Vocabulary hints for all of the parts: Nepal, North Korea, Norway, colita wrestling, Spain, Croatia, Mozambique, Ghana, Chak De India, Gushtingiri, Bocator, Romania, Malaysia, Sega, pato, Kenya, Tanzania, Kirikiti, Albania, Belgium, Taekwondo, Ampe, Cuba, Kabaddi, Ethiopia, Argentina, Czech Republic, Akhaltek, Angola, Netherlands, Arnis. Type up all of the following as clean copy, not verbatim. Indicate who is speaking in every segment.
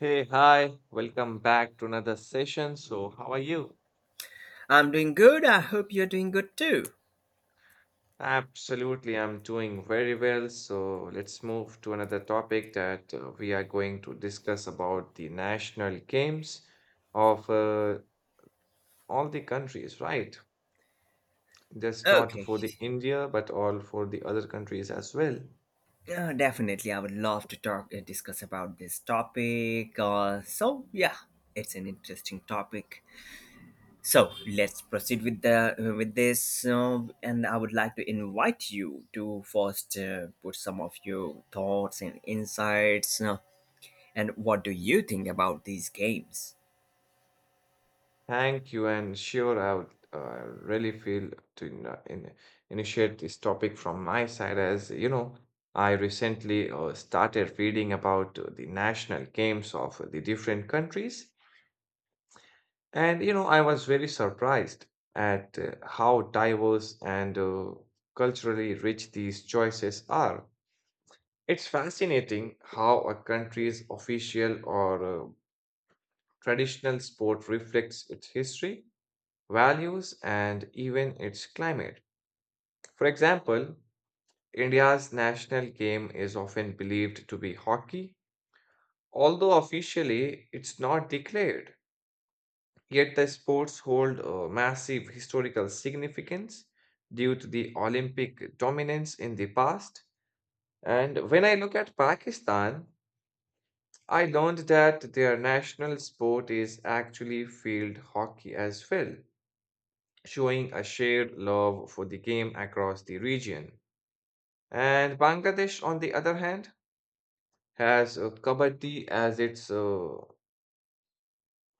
Speaker 1: Hey, hi, welcome back to another session. So, how are you?
Speaker 2: I'm doing good. I hope you're doing good too.
Speaker 1: Absolutely, I'm doing very well. So, let's move to another topic that we are going to discuss about the national games of all the countries, right? Just not
Speaker 2: Okay.
Speaker 1: for the India, but all for the other countries as well.
Speaker 2: Definitely, I would love to talk discuss about this topic. So yeah, it's an interesting topic. So let's proceed with the with this, and I would like to invite you to first put some of your thoughts and insights. And what do you think about these games?
Speaker 1: Thank you, and sure, I would really feel to initiate this topic from my side. As you know, I recently started reading about the national games of the different countries, and you know, I was very surprised at how diverse and culturally rich these choices are. It's fascinating how a country's official or traditional sport reflects its history, values, and even its climate. For example, India's national game is often believed to be hockey, although officially it's not declared. Yet the sports hold a massive historical significance due to the Olympic dominance in the past. And when I look at Pakistan, I learned that their national sport is actually field hockey as well, showing a shared love for the game across the region. And Bangladesh, on the other hand, has Kabaddi as its uh,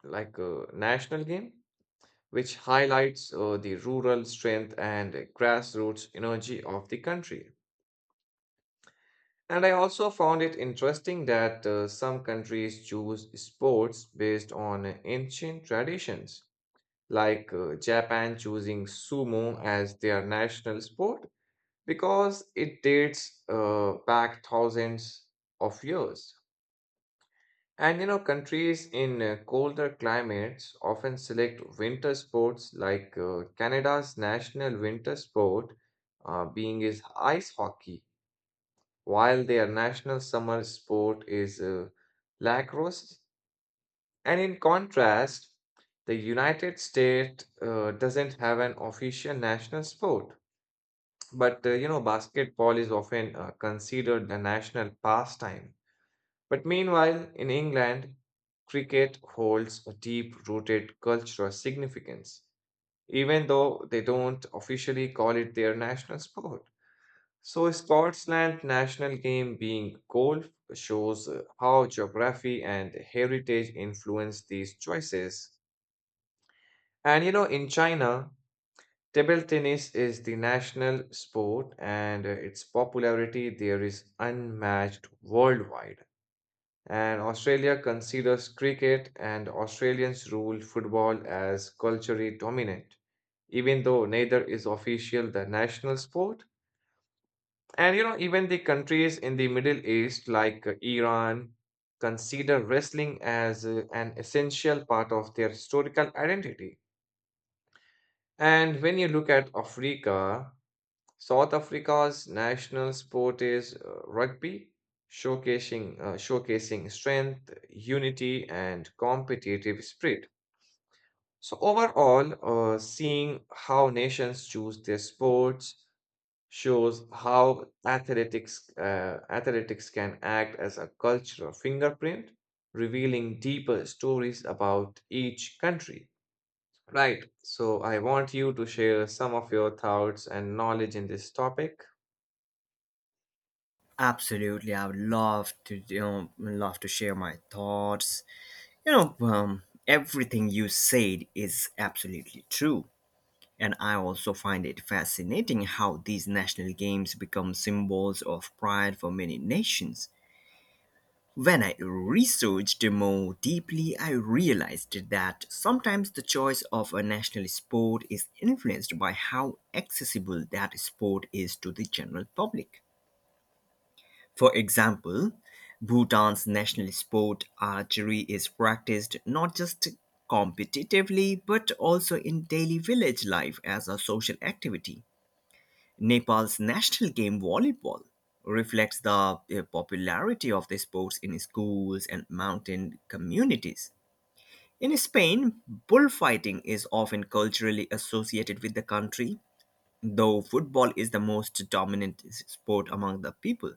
Speaker 1: like uh, national game, which highlights the rural strength and grassroots energy of the country. And I also found it interesting that some countries choose sports based on ancient traditions, like Japan choosing sumo as their national sport because it dates back thousands of years. And you know, countries in colder climates often select winter sports, like Canada's national winter sport being is ice hockey, while their national summer sport is lacrosse. And in contrast, the United States doesn't have an official national sport, but you know, basketball is often considered the national pastime. But meanwhile, in England, cricket holds a deep rooted cultural significance, even though they don't officially call it their national sport. So, Scotland's national game being golf shows how geography and heritage influence these choices. And you know, in China, table tennis is the national sport, and its popularity there is unmatched worldwide. And Australia considers cricket and Australians rule football as culturally dominant, even though neither is official the national sport. And you know, even the countries in the Middle East, like Iran, consider wrestling as an essential part of their historical identity. And when you look at Africa, South Africa's national sport is rugby, showcasing strength, unity, and competitive spirit. So overall, seeing how nations choose their sports shows how athletics can act as a cultural fingerprint, revealing deeper stories about each country. Right. So I want you to share some of your thoughts and knowledge in this topic.
Speaker 2: Absolutely, I would love to love to share my thoughts. You know, um, Everything you said is absolutely true. And I also find it fascinating how these national games become symbols of pride for many nations. When I researched more deeply, I realized that sometimes the choice of a national sport is influenced by how accessible that sport is to the general public. For example, Bhutan's national sport archery is practiced not just competitively but also in daily village life as a social activity. Nepal's national game volleyball reflects the popularity of the sports in schools and mountain communities. In Spain, bullfighting is often culturally associated with the country, though football is the most dominant sport among the people.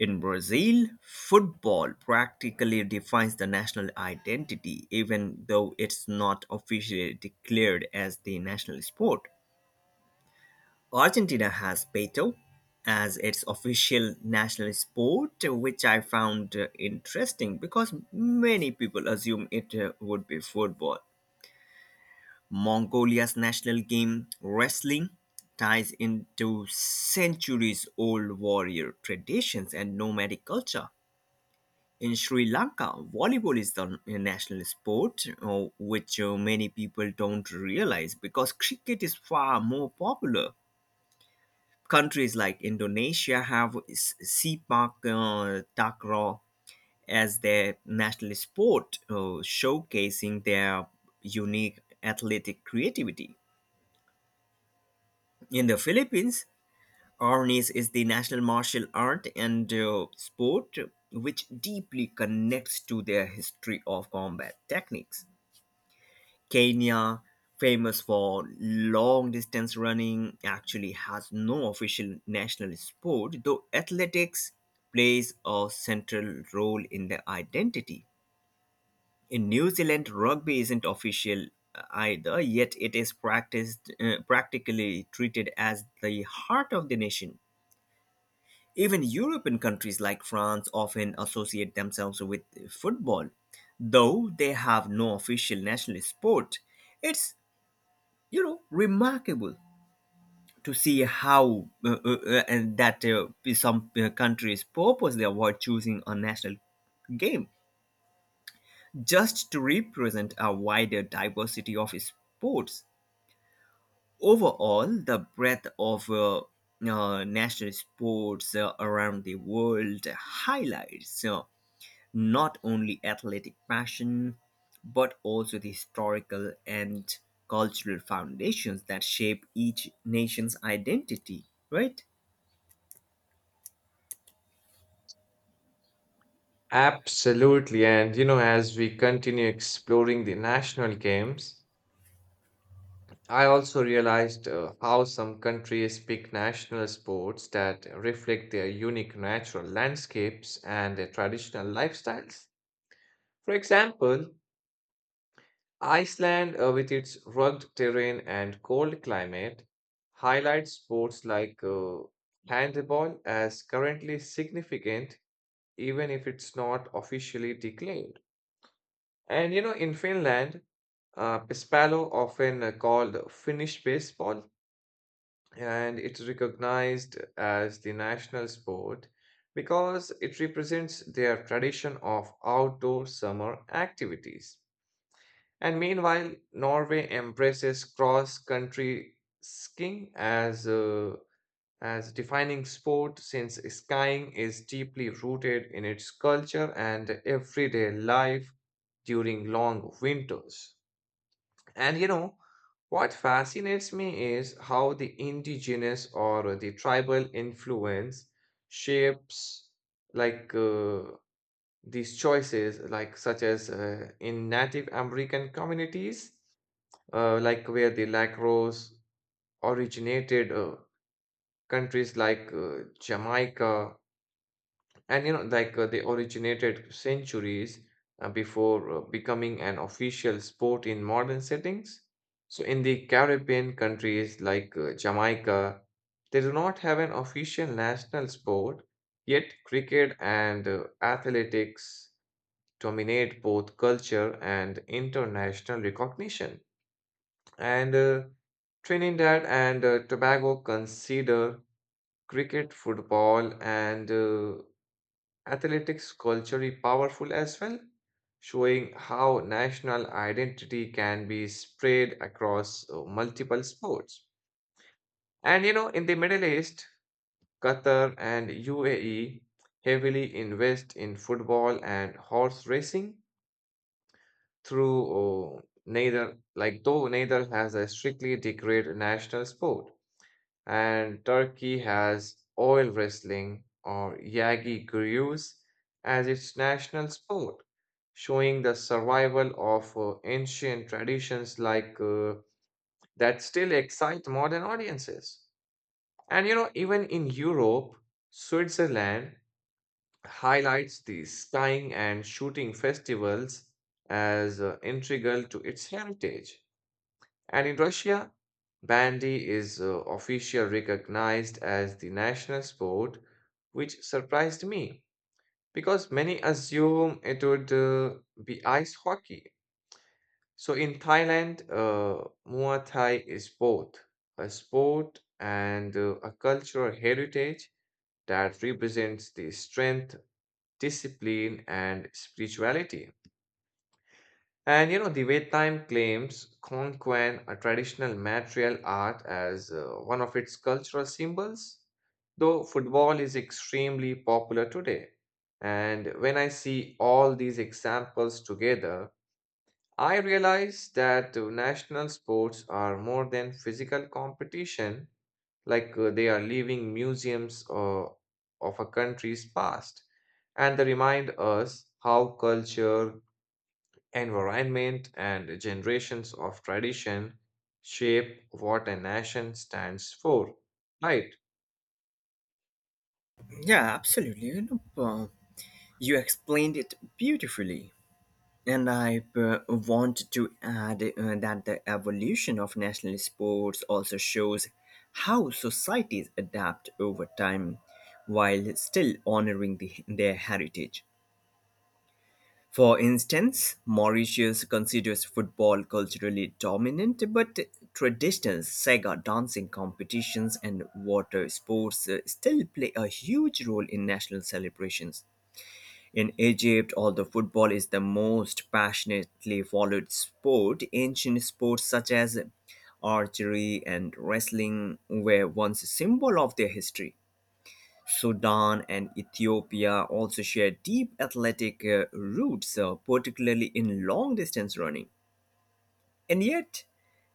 Speaker 2: In Brazil, football practically defines the national identity, even though it's not officially declared as the national sport. Argentina has Beto as its official national sport, which I found interesting because many people assume it would be football. Mongolia's national game, wrestling, ties into centuries old warrior traditions and nomadic culture. In Sri Lanka, volleyball is the national sport, which many people don't realize because cricket is far more popular. Countries like Indonesia have sepak takraw as their national sport, showcasing their unique athletic creativity. In the Philippines, Arnis is the national martial art and sport which deeply connects to their history of combat techniques. Kenya, famous for long distance running, actually has no official national sport, though athletics plays a central role in their identity. In New Zealand, rugby isn't official either, yet it is practiced practically treated as the heart of the nation. Even European countries like France often associate themselves with football, though they have no official national sport. It's remarkable to see how and that some countries purposely avoid choosing a national game just to represent a wider diversity of sports. Overall, the breadth of national sports around the world highlights not only athletic passion but also the historical and cultural foundations that shape each nation's identity, right?
Speaker 1: Absolutely. And, you know, as we continue exploring the national games, I also realized how some countries pick national sports that reflect their unique natural landscapes and their traditional lifestyles. For example, Iceland, with its rugged terrain and cold climate, highlights sports like handball as currently significant, even if it's not officially declared. And you know, in Finland, Pespalo, often called Finnish baseball, and it's recognized as the national sport because it represents their tradition of outdoor summer activities. And meanwhile, Norway embraces cross-country skiing as a as defining sport, since skiing is deeply rooted in its culture and everyday life during long winters. And you know, what fascinates me is how the indigenous or the tribal influence shapes like these choices, like such as in Native American communities, like where the lacrosse originated. Countries like Jamaica, and you know like they originated centuries before becoming an official sport in modern settings. So in the Caribbean countries like Jamaica, they do not have an official national sport, yet cricket and athletics dominate both culture and international recognition. And Trinidad and Tobago consider cricket, football, and athletics culturally powerful as well, showing how national identity can be spread across multiple sports. And you know, in the Middle East, Qatar and UAE heavily invest in football and horse racing through neither, like, though neither has a strictly declared national sport. And Turkey has oil wrestling or yagi gurus as its national sport, showing the survival of ancient traditions like that still excite modern audiences. And you know, even in Europe, Switzerland highlights the skiing and shooting festivals as integral to its heritage. And in Russia, bandy is officially recognized as the national sport, which surprised me because many assume it would be ice hockey. So in Thailand, Muay Thai is both a sport and a cultural heritage that represents the strength, discipline, and spirituality. And you know, the way time claims Konquan, a traditional martial art, as one of its cultural symbols, though football is extremely popular today. And when I see all these examples together, I realize that national sports are more than physical competition, like they are living museums of a country's past, and they remind us how culture, environment and generations of tradition shape what a nation stands for, right?
Speaker 2: Yeah, absolutely. You explained it beautifully. And I want to add that the evolution of national sports also shows how societies adapt over time while still honoring their heritage. For instance, Mauritius considers football culturally dominant, but traditional Sega dancing competitions and water sports still play a huge role in national celebrations. In Egypt, although football is the most passionately followed sport, ancient sports such as archery and wrestling were once a symbol of their history. Sudan and Ethiopia also share deep athletic roots, particularly in long distance running. And yet,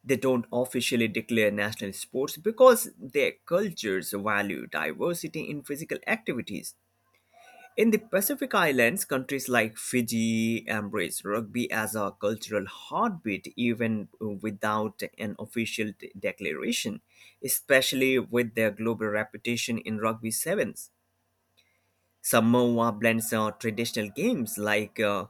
Speaker 2: they don't officially declare national sports because their cultures value diversity in physical activities. In the Pacific Islands, countries like Fiji embrace rugby as a cultural heartbeat even without an official declaration, especially with their global reputation in rugby sevens. Samoa blends traditional games like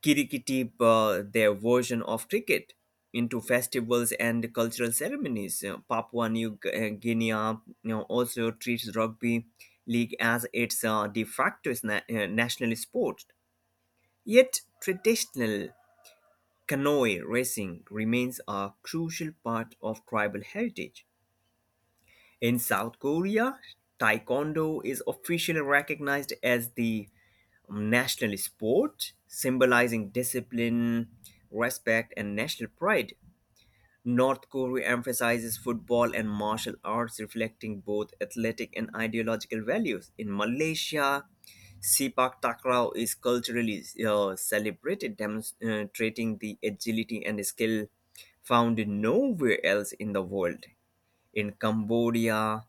Speaker 2: Kirikiti, their version of cricket, into festivals and cultural ceremonies. Papua New Guinea also treats rugby league as its de facto national sport. Yet, traditional canoe racing remains a crucial part of tribal heritage. In South Korea, Taekwondo is officially recognized as the national sport, symbolizing discipline, respect, and national pride. North Korea emphasizes football and martial arts, reflecting both athletic and ideological values. In Malaysia, Sepak Takraw is culturally celebrated, demonstrating the agility and skill found nowhere else in the world. In Cambodia,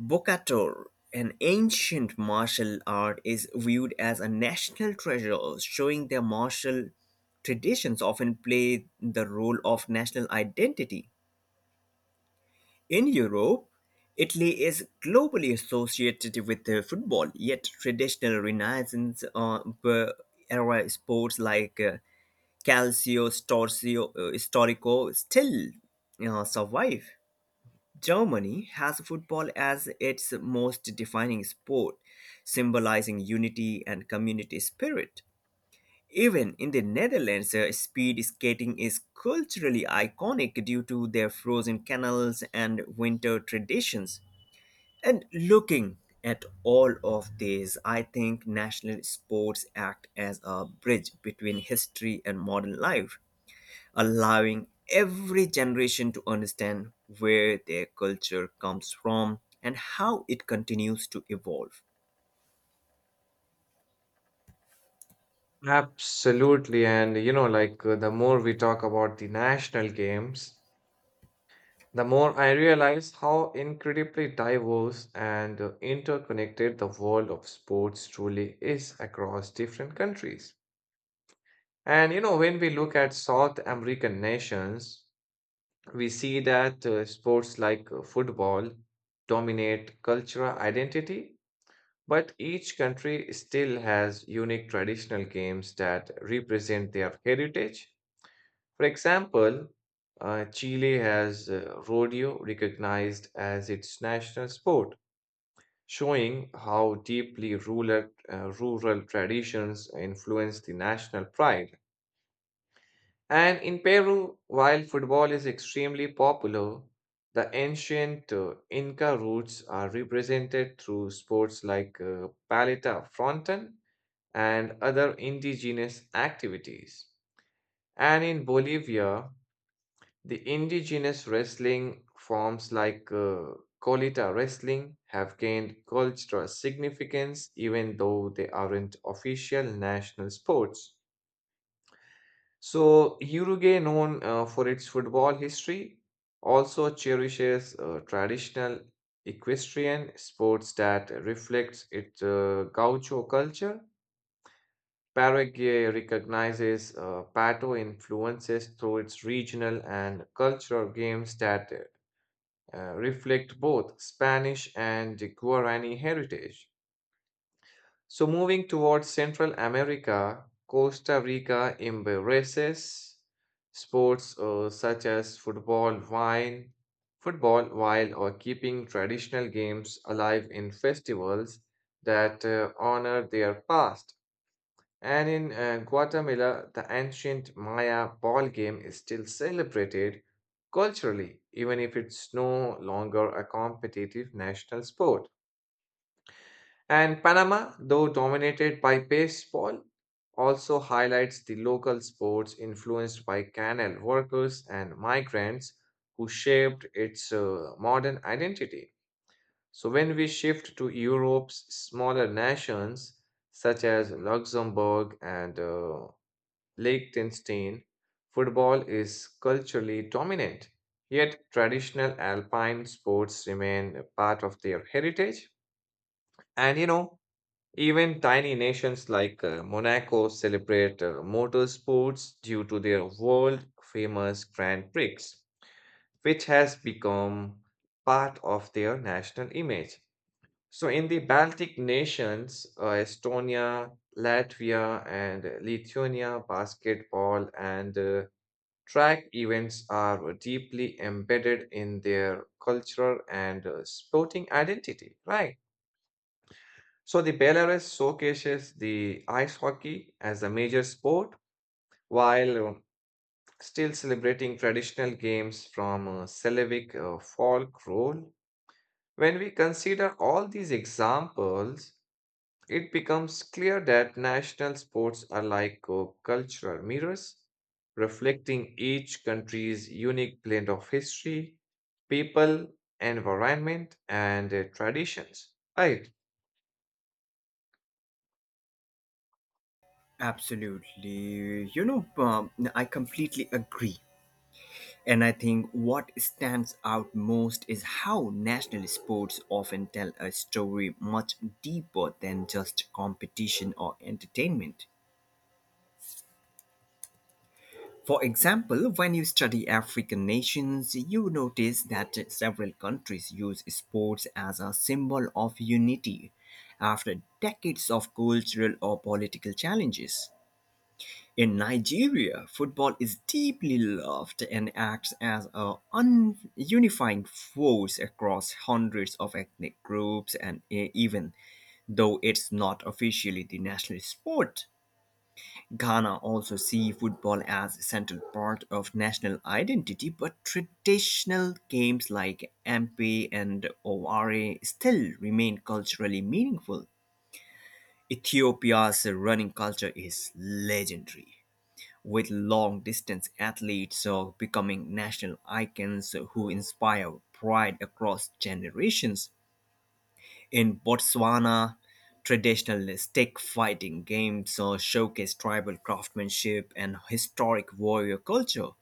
Speaker 2: Bocator, an ancient martial art, is viewed as a national treasure, showing their martial traditions often play the role of national identity. In Europe, Italy is globally associated with football, yet traditional Renaissance era sports like Calcio Storico still survive. Germany has football as its most defining sport, symbolizing unity and community spirit. Even in the Netherlands, speed skating is culturally iconic due to their frozen canals and winter traditions. And looking at all of these, I think national sports act as a bridge between history and modern life, allowing every generation to understand where their culture comes from and how it continues to evolve.
Speaker 1: Absolutely. And you know, like the more we talk about the national games, the more I realize how incredibly diverse and interconnected the world of sports truly is across different countries. And you know, when we look at South American nations, we see that sports like football dominate cultural identity, but each country still has unique traditional games that represent their heritage. For example, Chile has rodeo recognized as its national sport, showing how deeply rural traditions influence the national pride. And in Peru, while football is extremely popular, the ancient Inca roots are represented through sports like paleta fronton and other indigenous activities. And in Bolivia, the indigenous wrestling forms like colita wrestling have gained cultural significance, even though they aren't official national sports. So, Uruguay, known for its football history, also cherishes traditional equestrian sports that reflects its gaucho culture. Paraguay recognizes pato influences through its regional and cultural games that reflect both Spanish and Guarani heritage. So, moving towards Central America, Costa Rica embraces sports such as football, wine, football, while or keeping traditional games alive in festivals that honor their past. And in Guatemala, the ancient Maya ball game is still celebrated culturally, even if it's no longer a competitive national sport. And Panama, though dominated by baseball, also highlights the local sports influenced by canal workers and migrants who shaped its modern identity. So, when we shift to Europe's smaller nations, such as Luxembourg and Liechtenstein, football is culturally dominant, yet traditional alpine sports remain a part of their heritage. And you know, even tiny nations like Monaco celebrate motorsports due to their world famous Grand Prix, which has become part of their national image. So, in the Baltic nations, Estonia, Latvia, and Lithuania, basketball and track events are deeply embedded in their cultural and sporting identity, right? So the Belarus showcases the ice hockey as a major sport while still celebrating traditional games from Slavic folklore. When we consider all these examples, it becomes clear that national sports are like cultural mirrors, reflecting each country's unique blend of history, people, environment, and traditions. Right?
Speaker 2: Absolutely. I completely agree. And I think what stands out most is how national sports often tell a story much deeper than just competition or entertainment. For example, when you study African nations, you notice that several countries use sports as a symbol of unity after decades of cultural or political challenges. In Nigeria, football is deeply loved and acts as a unifying force across hundreds of ethnic groups and even though it's not officially the national sport. Ghana also see football as a central part of national identity, but traditional games like Ampe and Oware still remain culturally meaningful. Ethiopia's running culture is legendary, with long distance athletes becoming national icons who inspire pride across generations. In Botswana, traditional stick fighting games showcase tribal craftsmanship and historic warrior culture.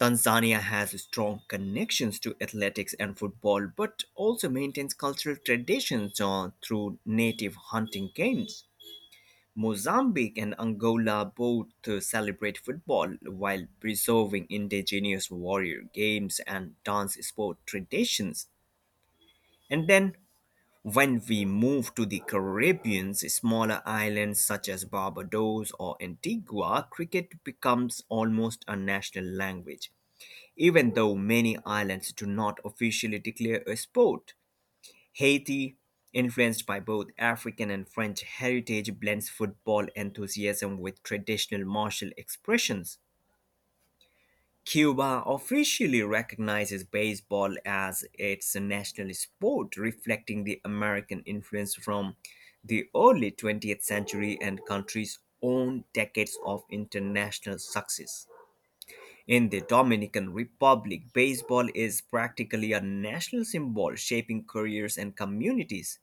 Speaker 2: Tanzania has strong connections to athletics and football, but also maintains cultural traditions through native hunting games. Mozambique and Angola both celebrate football while preserving indigenous warrior games and dance sport traditions. And then when we move to the Caribbean, smaller islands such as Barbados or Antigua, cricket becomes almost a national language, even though many islands do not officially declare a sport. Haiti, influenced by both African and French heritage, blends football enthusiasm with traditional martial expressions. Cuba officially recognizes baseball as its national sport, reflecting the American influence from the early 20th century and country's own decades of international success. In the Dominican Republic, baseball is practically a national symbol, shaping careers and communities.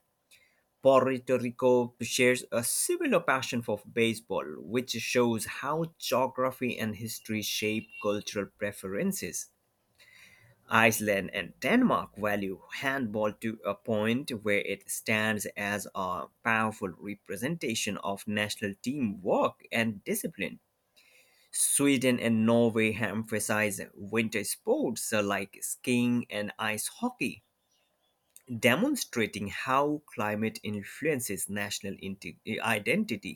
Speaker 2: Puerto Rico shares a similar passion for baseball, which shows how geography and history shape cultural preferences. Iceland and Denmark value handball to a point where it stands as a powerful representation of national teamwork and discipline. Sweden and Norway emphasize winter sports like skiing and ice hockey, demonstrating how climate influences national identity.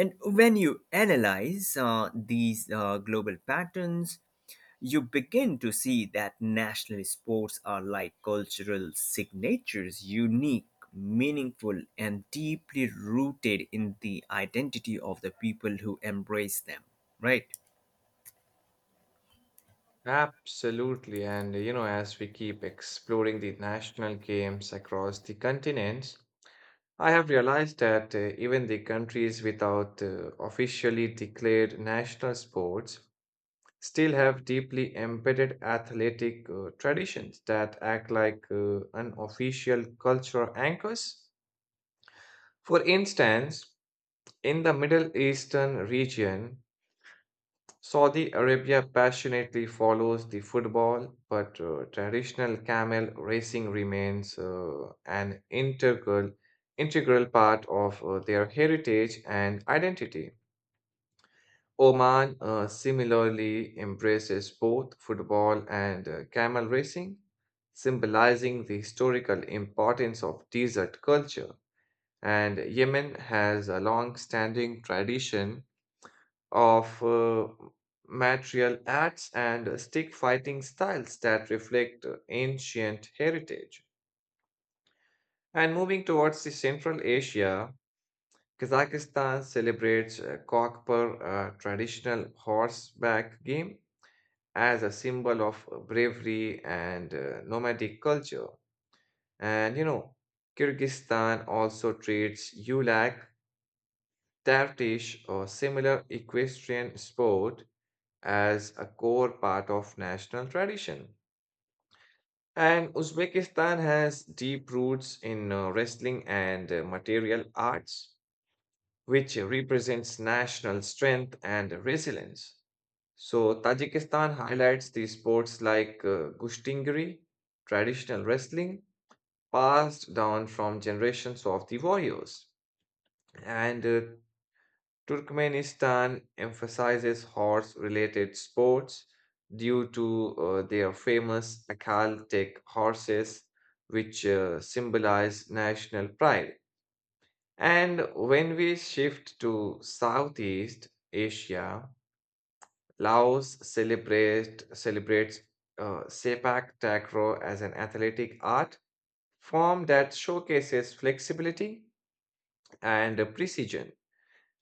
Speaker 2: And when you analyze these global patterns, you begin to see that national sports are like cultural signatures, unique, meaningful, and deeply rooted in the identity of the people who embrace them, right?
Speaker 1: Absolutely. And you know, as we keep exploring the national games across the continents, I have realized that even the countries without officially declared national sports still have deeply embedded athletic traditions that act like unofficial cultural anchors. For instance, in the Middle Eastern region, Saudi Arabia passionately follows the football, but traditional camel racing remains an integral part of their heritage and identity. Oman similarly embraces both football and camel racing, symbolizing the historical importance of desert culture. And Yemen has a long-standing tradition of martial arts and stick fighting styles that reflect ancient heritage. And moving towards the Central Asia, Kazakhstan celebrates Kokpur, a traditional horseback game, as a symbol of bravery and nomadic culture. And you know, Kyrgyzstan also treats Ulak, Tartish, or similar equestrian sport as a core part of national tradition. And Uzbekistan has deep roots in wrestling and material arts, which represents national strength and resilience. So, Tajikistan highlights the sports like Gushtingiri, traditional wrestling, passed down from generations of the warriors. And Turkmenistan emphasizes horse related sports due to their famous Akhaltek horses, which symbolize national pride. And when we shift to Southeast Asia, Laos celebrates Sepak Takraw as an athletic art form that showcases flexibility and precision.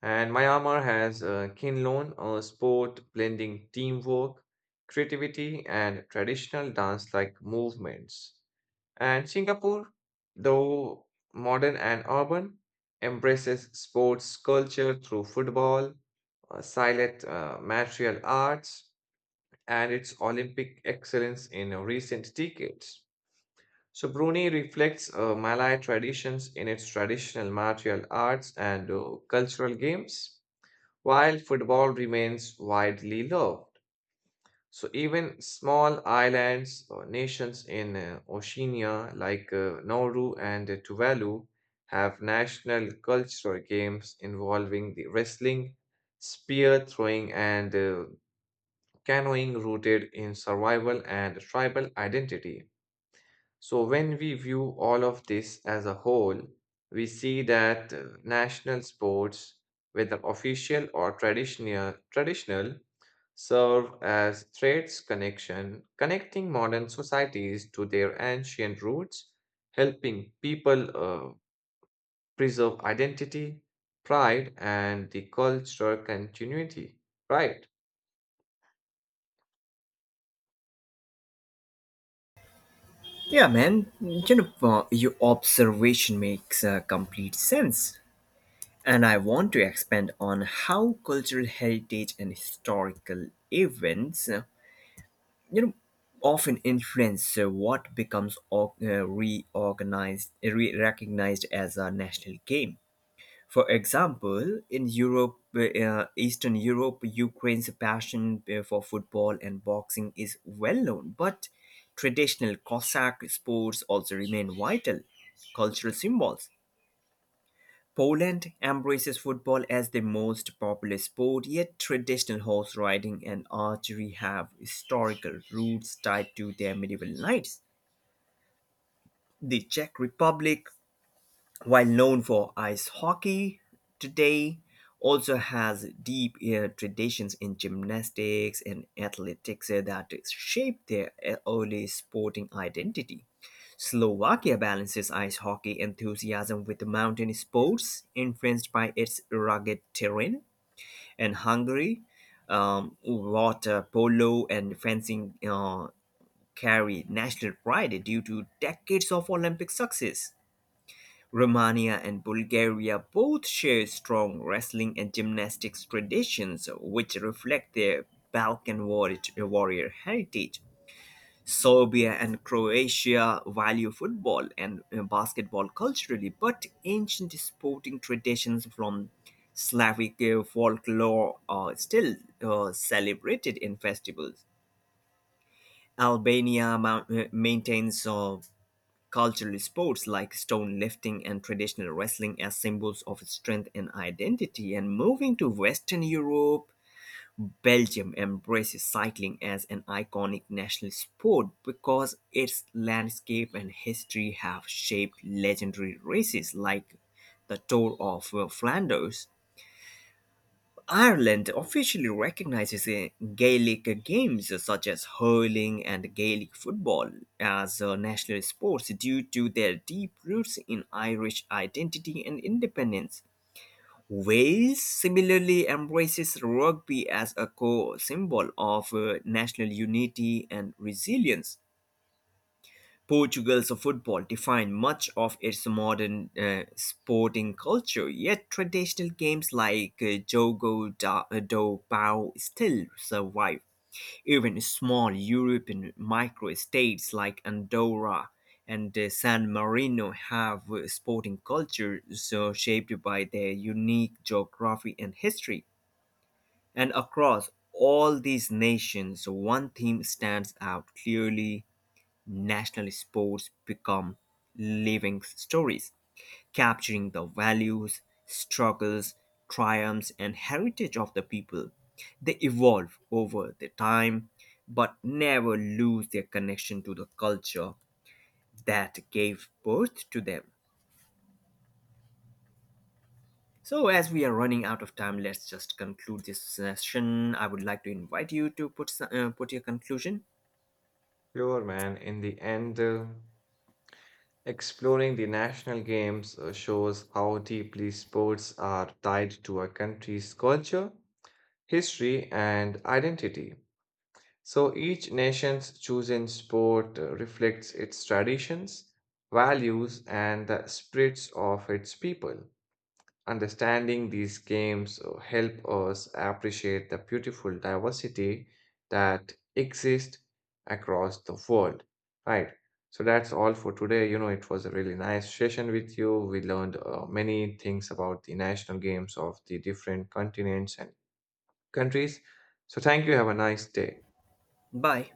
Speaker 1: And Myanmar has Kinlon, a sport blending teamwork, creativity, and traditional dance like movements. And Singapore, though modern and urban, embraces sports culture through football, silent martial arts, and its Olympic excellence in recent decades. So, Brunei reflects Malay traditions in its traditional martial arts and cultural games. While football remains widely loved, so even small islands or nations in Oceania, like Nauru and Tuvalu, have national cultural games involving the wrestling, spear throwing, and canoeing rooted in survival and tribal identity. So, when we view all of this as a whole, we see that national sports, whether official or traditional, serve as threads connecting modern societies to their ancient roots, helping people preserve identity, pride, and the cultural continuity. Right,
Speaker 2: Yeah, man. Your observation makes complete sense. And I want to expand on how cultural heritage and historical events you know often influence what becomes recognized as a national game. For example, in europe eastern Europe, Ukraine's passion for football and boxing is well known, but traditional Cossack sports also remain vital cultural symbols. Poland embraces football as the most popular sport, yet traditional horse riding and archery have historical roots tied to their medieval knights. The Czech Republic, while known for ice hockey today, also has deep traditions in gymnastics and athletics that shaped their early sporting identity. Slovakia balances ice hockey enthusiasm with mountain sports, influenced by its rugged terrain, and Hungary, water polo and fencing carry national pride due to decades of Olympic success. Romania and Bulgaria both share strong wrestling and gymnastics traditions, which reflect their Balkan warrior heritage. Serbia and Croatia value football and basketball culturally, but ancient sporting traditions from Slavic folklore are still celebrated in festivals. Albania maintains cultural sports like stone lifting and traditional wrestling as symbols of strength and identity. And moving to Western Europe, Belgium embraces cycling as an iconic national sport because its landscape and history have shaped legendary races like the Tour of Flanders. Ireland officially recognizes Gaelic games such as hurling and Gaelic football as national sports due to their deep roots in Irish identity and independence. Wales similarly embraces rugby as a core symbol of national unity and resilience. Portugal's football defined much of its modern sporting culture, yet traditional games like Jogo do Pau still survive. Even small European microstates like Andorra and San Marino have sporting cultures shaped by their unique geography and history. And across all these nations, one theme stands out clearly. National sports become living stories, capturing the values, struggles, triumphs, and heritage of the people. They evolve over the time, but never lose their connection to the culture that gave birth to them. So, as we are running out of time, let's just conclude this session. I would like to invite you to put your conclusion.
Speaker 1: sure, man. In the end. Exploring the national games shows how deeply sports are tied to a country's culture, history, and identity. So each nation's chosen sport reflects its traditions, values, and the spirits of its people. Understanding these games help us appreciate the beautiful diversity that exists across the world, right? So that's all for today. You know, it was a really nice session with you. We learned many things about the national games of the different continents and countries. So thank you. Have a nice day.
Speaker 2: Bye.